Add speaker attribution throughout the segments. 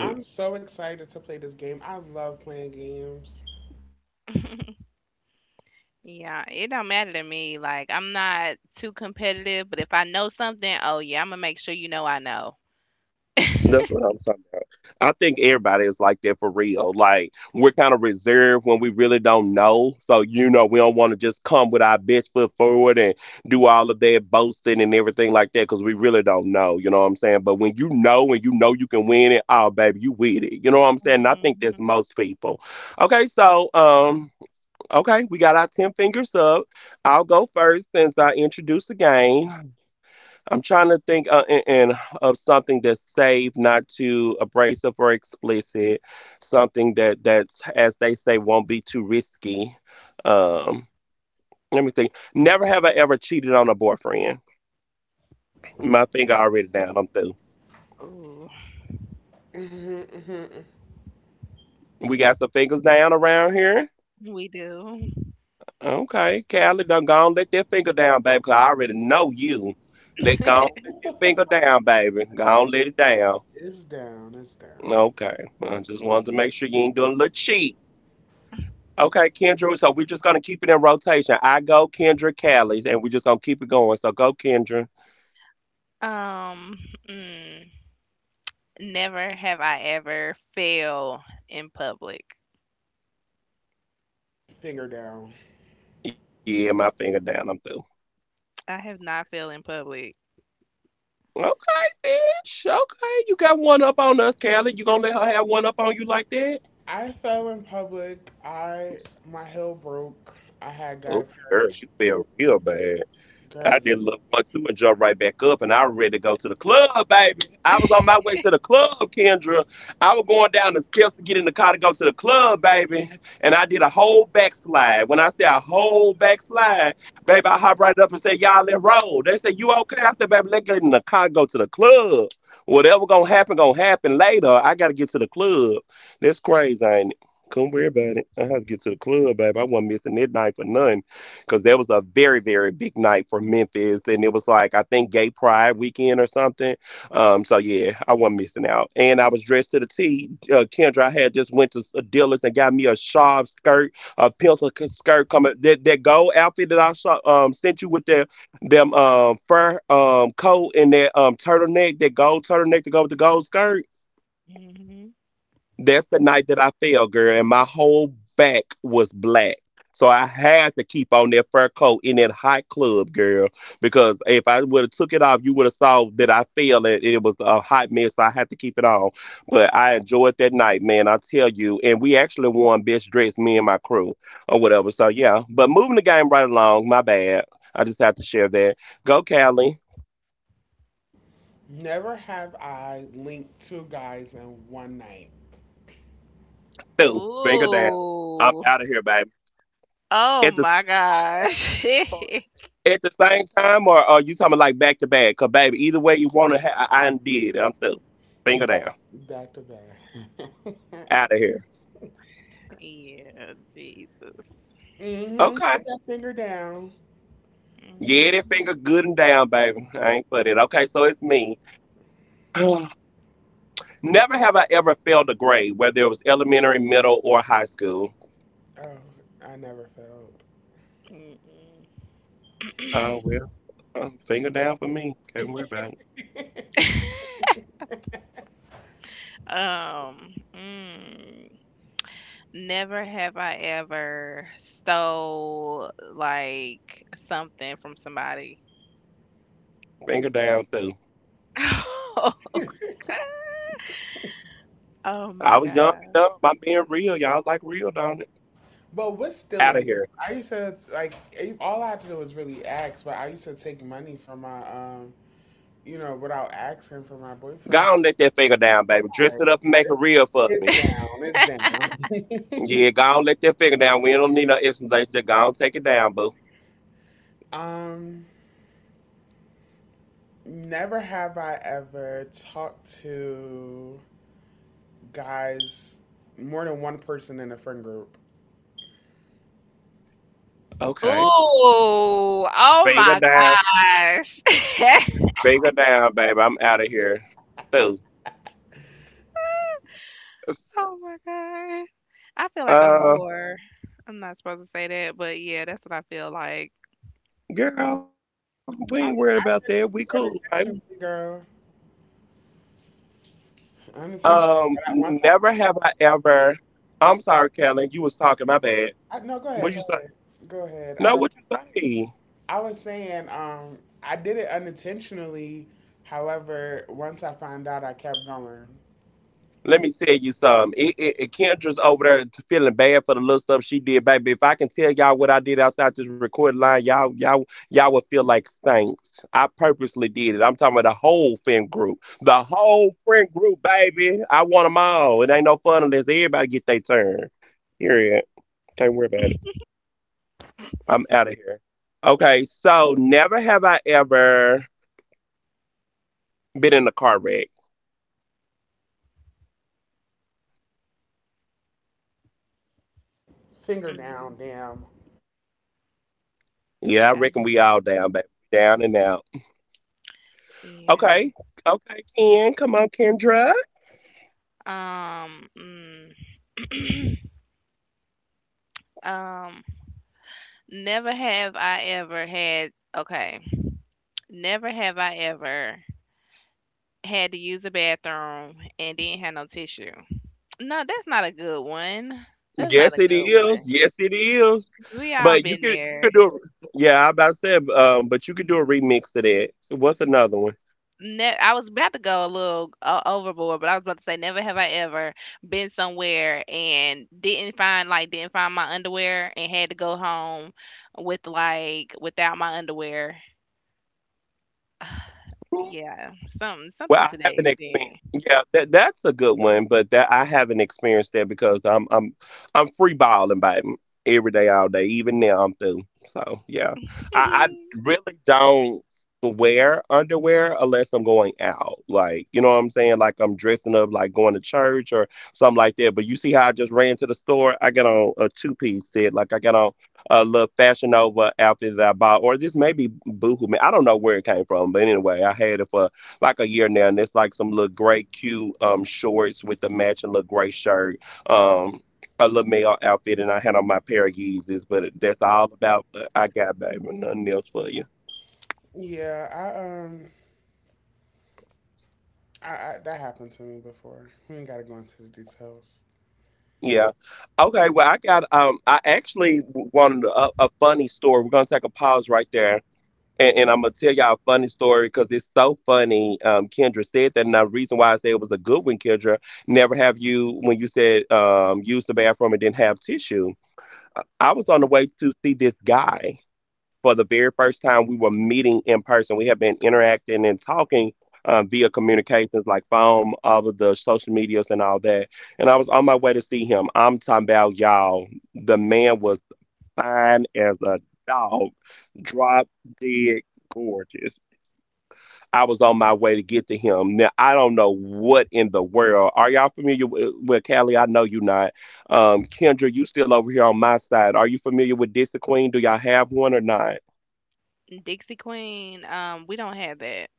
Speaker 1: I'm so excited to play this game. I love playing games.
Speaker 2: Yeah, it don't matter to me. Like I'm not too competitive, but if I know something, oh yeah, I'm gonna make sure you know I know. Mhm. Ooh, we do.
Speaker 1: It's down, it's down.
Speaker 2: Um, mm, Never have I ever failed in public.
Speaker 1: Finger down.
Speaker 2: I have not failed in public.
Speaker 1: I fell in public. I My heel broke. I had got a pair of girl. Yeah.
Speaker 2: Hmm.
Speaker 1: Never have I linked two guys in one night
Speaker 2: Ooh. Oh my gosh.
Speaker 1: back to back.
Speaker 2: Yeah, Jesus.
Speaker 1: hmm Put that finger down.
Speaker 2: Hmm.
Speaker 1: Oh, I never
Speaker 2: Mm-mm.
Speaker 1: felt.
Speaker 2: Um, mm, Never have I ever stole like something from somebody. Oh my god.
Speaker 1: But what's stealing? Because I used to all I had to do was really ask, but I used to take money from my without asking for my boyfriend. Like, it's down, it's down. um, Never have I ever talked to guys, more than one person in a friend group.
Speaker 2: Ooh, oh my gosh. Oh my god. I feel like a whore. I'm not supposed to say that, but yeah, that's what I feel like.
Speaker 1: I mean, I did it too unintentionally, girl. Unintentionally. But I, once I No, go ahead, go ahead, go ahead. I don't. I was saying, I did it unintentionally. However, once I found out, I kept going. Finger
Speaker 2: Mm,
Speaker 1: down, damn.
Speaker 2: I- yeah. Um, mm. um, Never have I ever had, okay, never have I ever had to use a bathroom and didn't have no tissue. No, that's not a good one. That's not a good one. 'Cause we all been there. I was about to go a little overboard, but I was about to say never have I ever been somewhere and didn't find my underwear and had to go home with, like, without my underwear. Yeah, something to that extent.
Speaker 1: Yeah, I that happened to me before. We ain't gotta go into the details.
Speaker 2: Dixie Queen, we don't have that.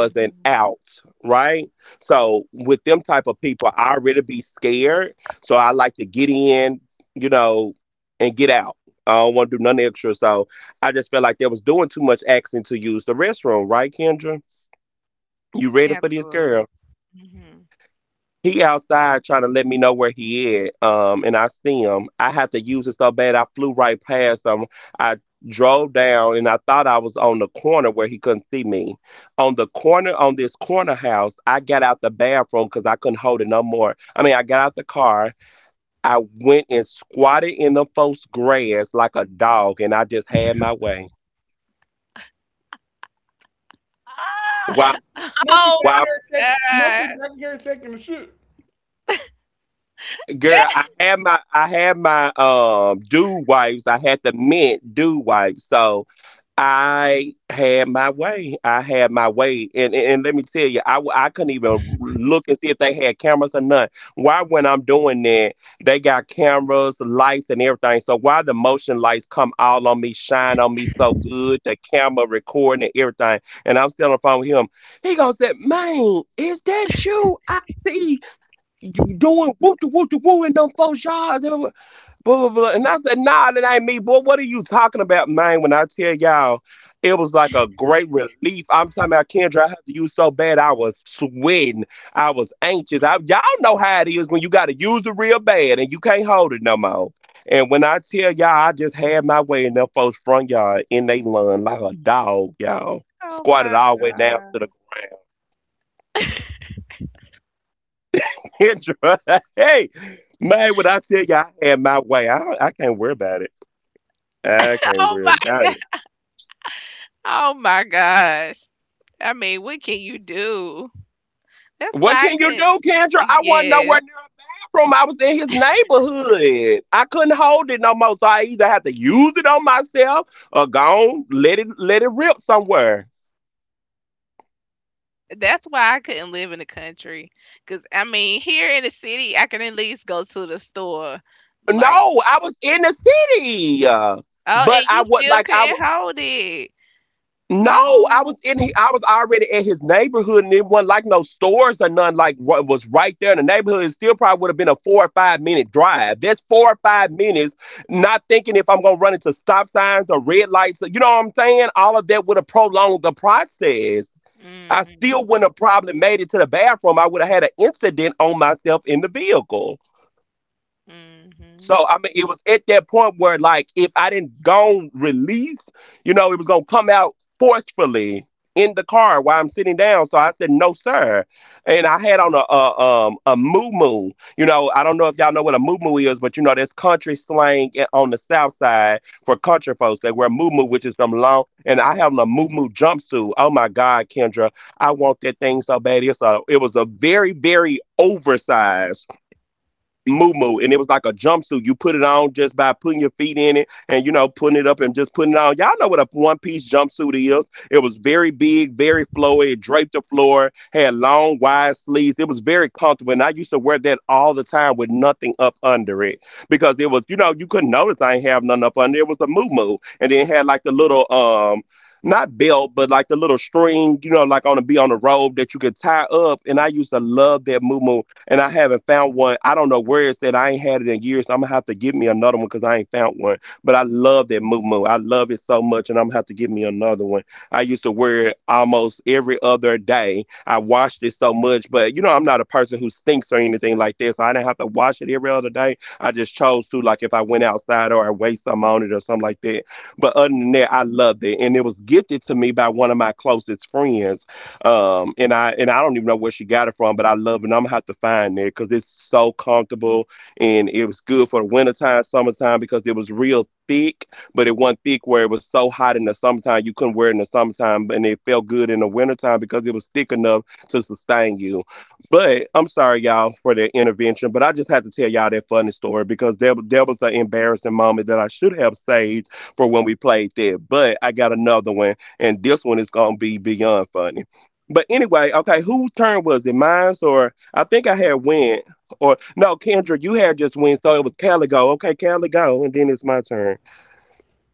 Speaker 2: Mhm. Absolutely. Mhm. Ah!
Speaker 1: Smokey
Speaker 2: Oh
Speaker 1: back here, check,
Speaker 2: my god.
Speaker 1: Smokey back here taking a shit.
Speaker 2: Oh my god. Oh my god. Oh my gosh. I mean, what can you do? That's why I couldn't. Yes. That's why I couldn't live in the country. Cause I mean, here in the city, I can at least go to the store. Like, oh, and you still couldn't hold it. Oh. Mhm. Mhm.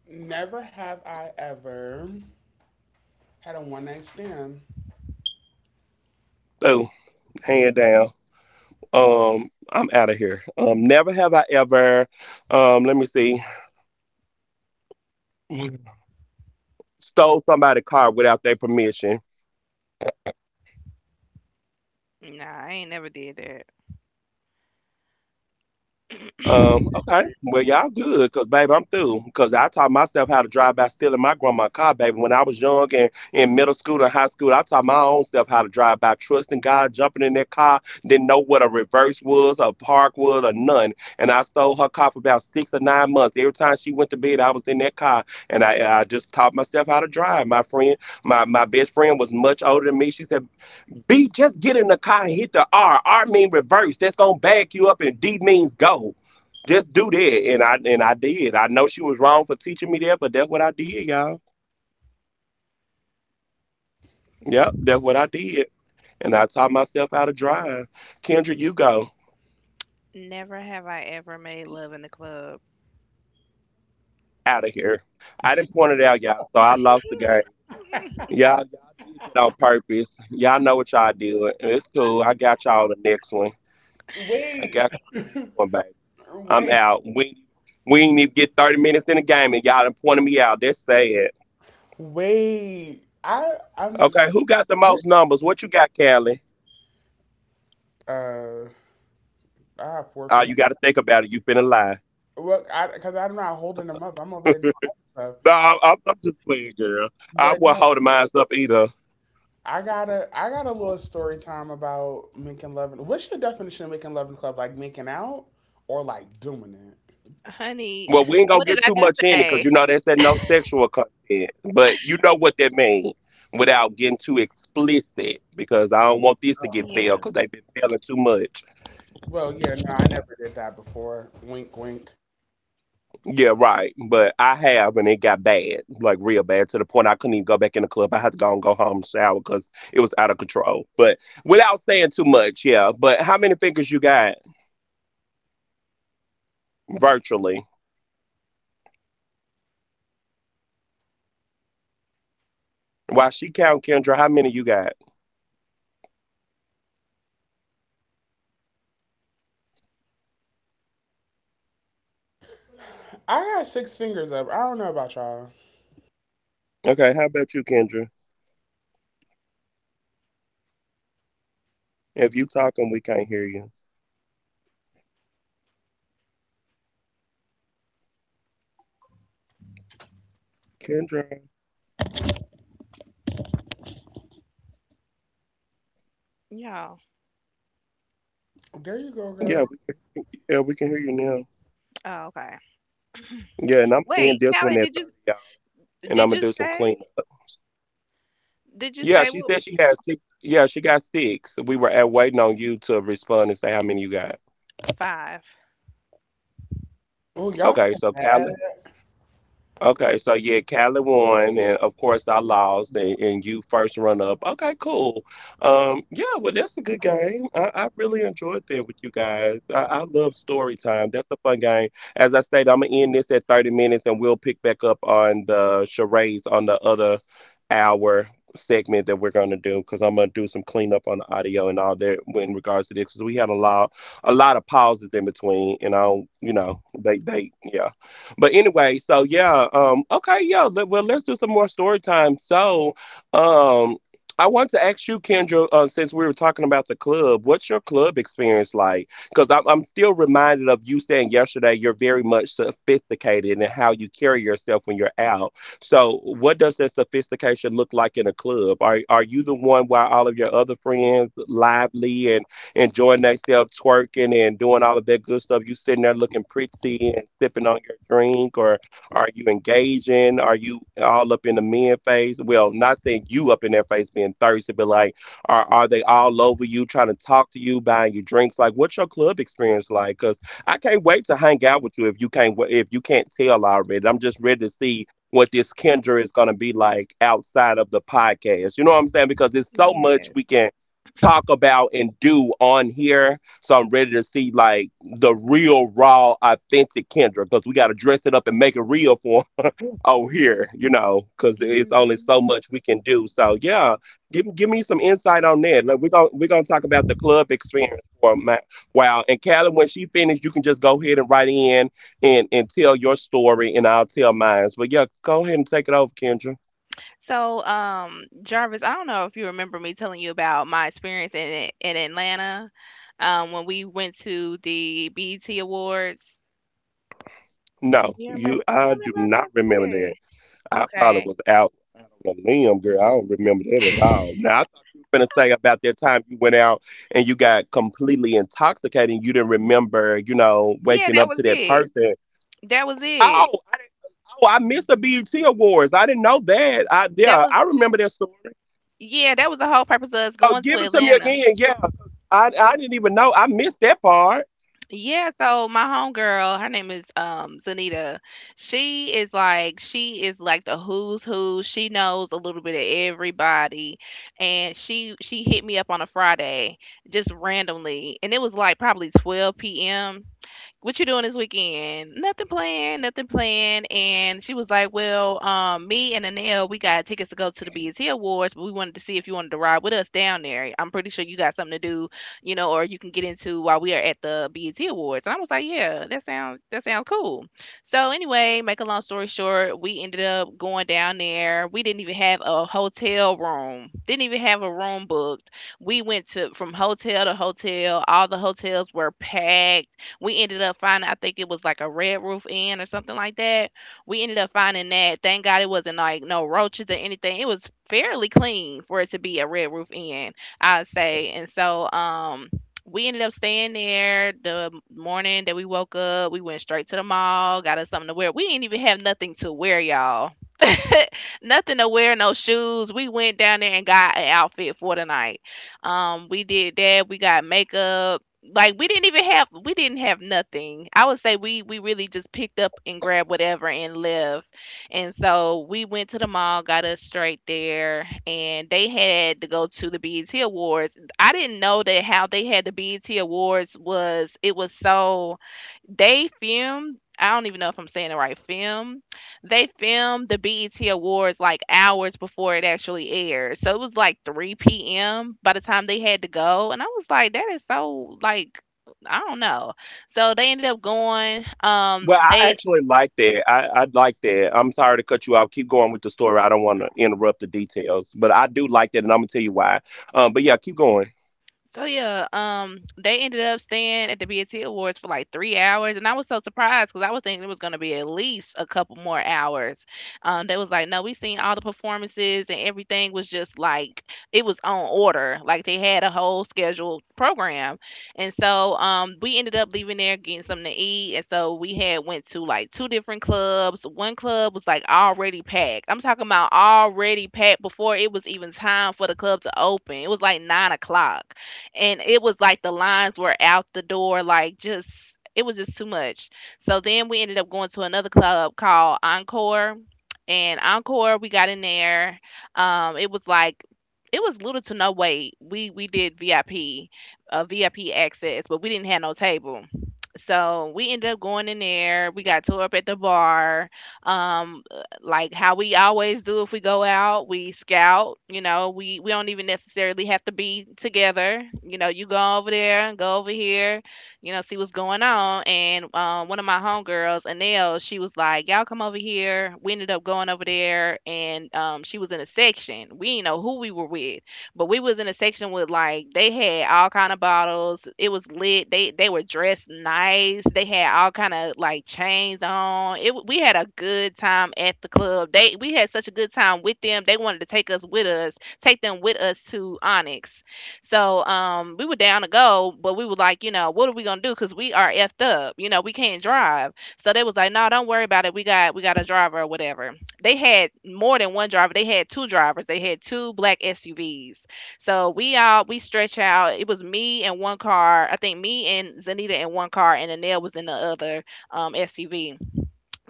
Speaker 1: Never have I ever had a one night stand.
Speaker 2: Nah, I ain't never did that. Never have I ever made love in the club.
Speaker 1: Wait, wait, wait. I'm this. Uh, I have four fingers. Well, I, because I'm not holding them up. I'm over here doing other stuff. But no, I got a little story time about making love. What's your definition of making love in the club? Like making out or like doing it?
Speaker 2: Honey, what did I just say? Yeah,
Speaker 1: Well, yeah, no, I never did that before. Wink, wink. I got six fingers up. I don't know about y'all.
Speaker 2: y'all.
Speaker 1: There you go, girl.
Speaker 2: Oh, okay. Wait, Callie, did you say? Did you say what? Five.
Speaker 1: Oh, y'all so bad.
Speaker 2: Yeah. hmm So, Jarvis, I don't know if you remember me telling you about my experience in in Atlanta, when we went to the BET Awards. You remember? You remember what I said? Okay. Yeah, that was it. That was it. That was, yeah, that was the whole purpose of us going to Atlanta. Yeah, so my homegirl, her name is Zanita. She is like the who's who. She knows a little bit of everybody. And she hit me up on a Friday just randomly. And it was like probably 12 p.m. What you doing this weekend? Nothing planned, nothing planned. And she was like, well, me and Anel, we got tickets to go to the BET Awards, but we wanted to see if you wanted to ride with us down there. I'm pretty sure you got something to do, or you can get into while we are at the BET Awards. And I was like, yeah, that sounds cool. So anyway, make a long story short, we ended up going down there. We didn't even have a hotel room. Didn't even have a room booked. We went to from hotel to hotel. All the hotels were packed. We ended up finding, I think it was like a Red Roof Inn or something like that. We ended up finding that. Thank God it wasn't like no roaches or anything. It was fairly clean for it to be a Red Roof Inn, I'd say. And so, we ended up staying there. The morning that we woke up, we went straight to the mall, got us something to wear. We didn't even have nothing to wear, y'all, nothing to wear, no shoes. We went down there and got an outfit for the night. We did that. We got makeup. Like we didn't have nothing. I would say we really just picked up and grabbed whatever and left. And so we went to the mall, got us straight there, and they had to go to the BET Awards. I didn't know that how they had the BET Awards was, it was so they filmed, I don't even know if I'm saying it right, film. They filmed the BET Awards like hours before it actually aired. So it was like 3 p.m. by the time they had to go. And I was like, that is so, like, I don't know. So they ended up going. They So yeah, they ended up staying at the BET Awards for like 3 hours, and I was so surprised because I was thinking it was gonna be at least a couple more hours. They was like, no, we seen all the performances and everything was just like it was on order, like they had a whole scheduled program, and so we ended up leaving there getting something to eat, and so we had went to like two different clubs. One club was like already packed. I'm talking about already packed before it was even time for the club to open. It was like 9 o'clock, and it was like the lines were out the door, like, just it was just too much. So then we ended up going to another club called Encore, and Encore we got in there. It was like it was little to no wait. We did VIP access, but we didn't have no table. So we ended up going in there. We got tore up at the bar. Um, like how we always do, if we go out we scout, we don't even necessarily have to be together, you go over there and go over here, see what's going on. And one of my homegirls, Anel, she was like, y'all come over here. We ended up going over there, and she was in a section. We didn't know who we were with, but we was in a section with, like, they had all kind of bottles. It was lit. They were dressed nice. They had all kind of like chains on. We had a good time at the club. They we had such a good time with them. They wanted to take them with us to Onyx. So we were down to go, but we were like, what are we gonna do? Cause we are effed up. You know, we can't drive. So they was like, no, don't worry about it. We got a driver or whatever. They had more than one driver. They had two drivers. They had two black SUVs. So we all, we stretch out. It was me and one car. I think me and Zanita in one car, and Anel was in the other SUV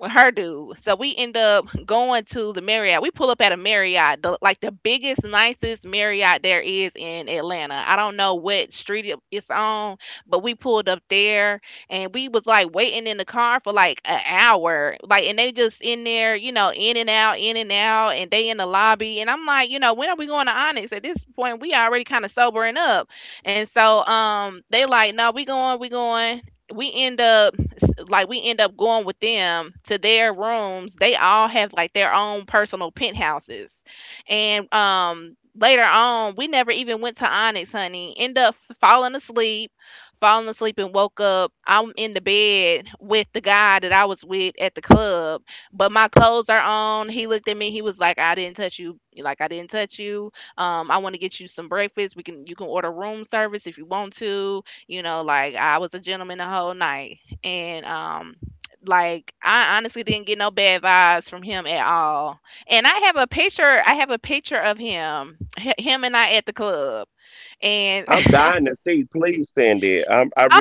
Speaker 2: with her dude. So we end up going to the Marriott. We pull up at a Marriott, like the biggest, nicest Marriott there is in Atlanta. I don't know what street it's on, but we pulled up there, and we was like waiting in the car for like an hour. Like, and they just in there, in and out, and they in the lobby. And I'm like, when are we going to Onyx? At this point, we already kind of sobering up. And so they like, no, we going, we going. We end up going with them to their rooms. They all have like their own personal penthouses. And later on, we never even went to Onyx, honey. End up falling asleep, falling asleep, and woke up. I'm in the bed with the guy that I was with at the club, but my clothes are on. He looked at me. He was like, "I didn't touch you. Like, I didn't touch you. I want to get you some breakfast. We can you can order room service if you want to. You know, like, I was a gentleman the whole night." And like, I honestly didn't get no bad vibes from him at all. And I have a picture of him, him and I at the club. And I,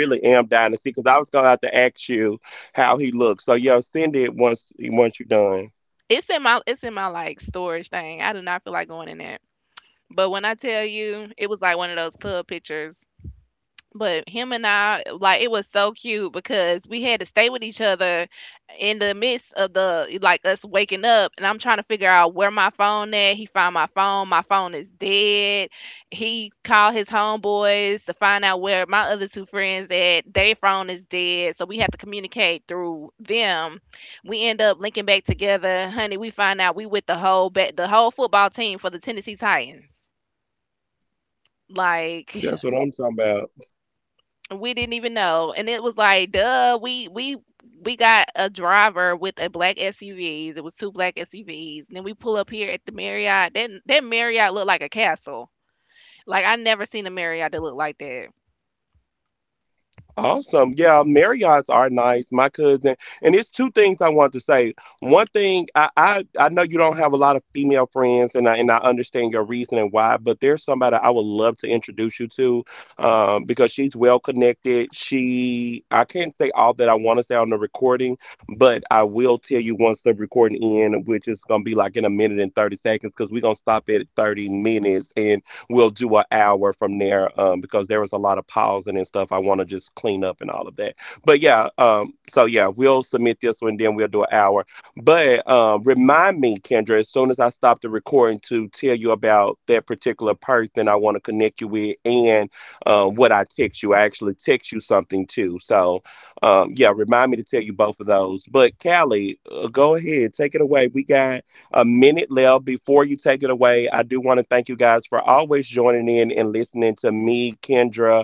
Speaker 2: it's in my, like, storage thing. I do not feel like going in that. But when I tell you, it was like one of those club pictures. But him and I, like, it was so cute because we had to stay with each other in the midst of the, like, us waking up. And I'm trying to figure out where my phone at. He found my phone. My phone is dead. He called his homeboys to find out where my other two friends at. Their phone is dead. So we had to communicate through them. We end up linking back together. Honey, we find out we with the whole football team for the Tennessee Titans. Like, we didn't even know, and it was like, duh, we got a driver with a black SUVs, it was two black SUVs, and then we pull up here at the Marriott. That Marriott looked like a castle, like I never seen a Marriott that looked like that.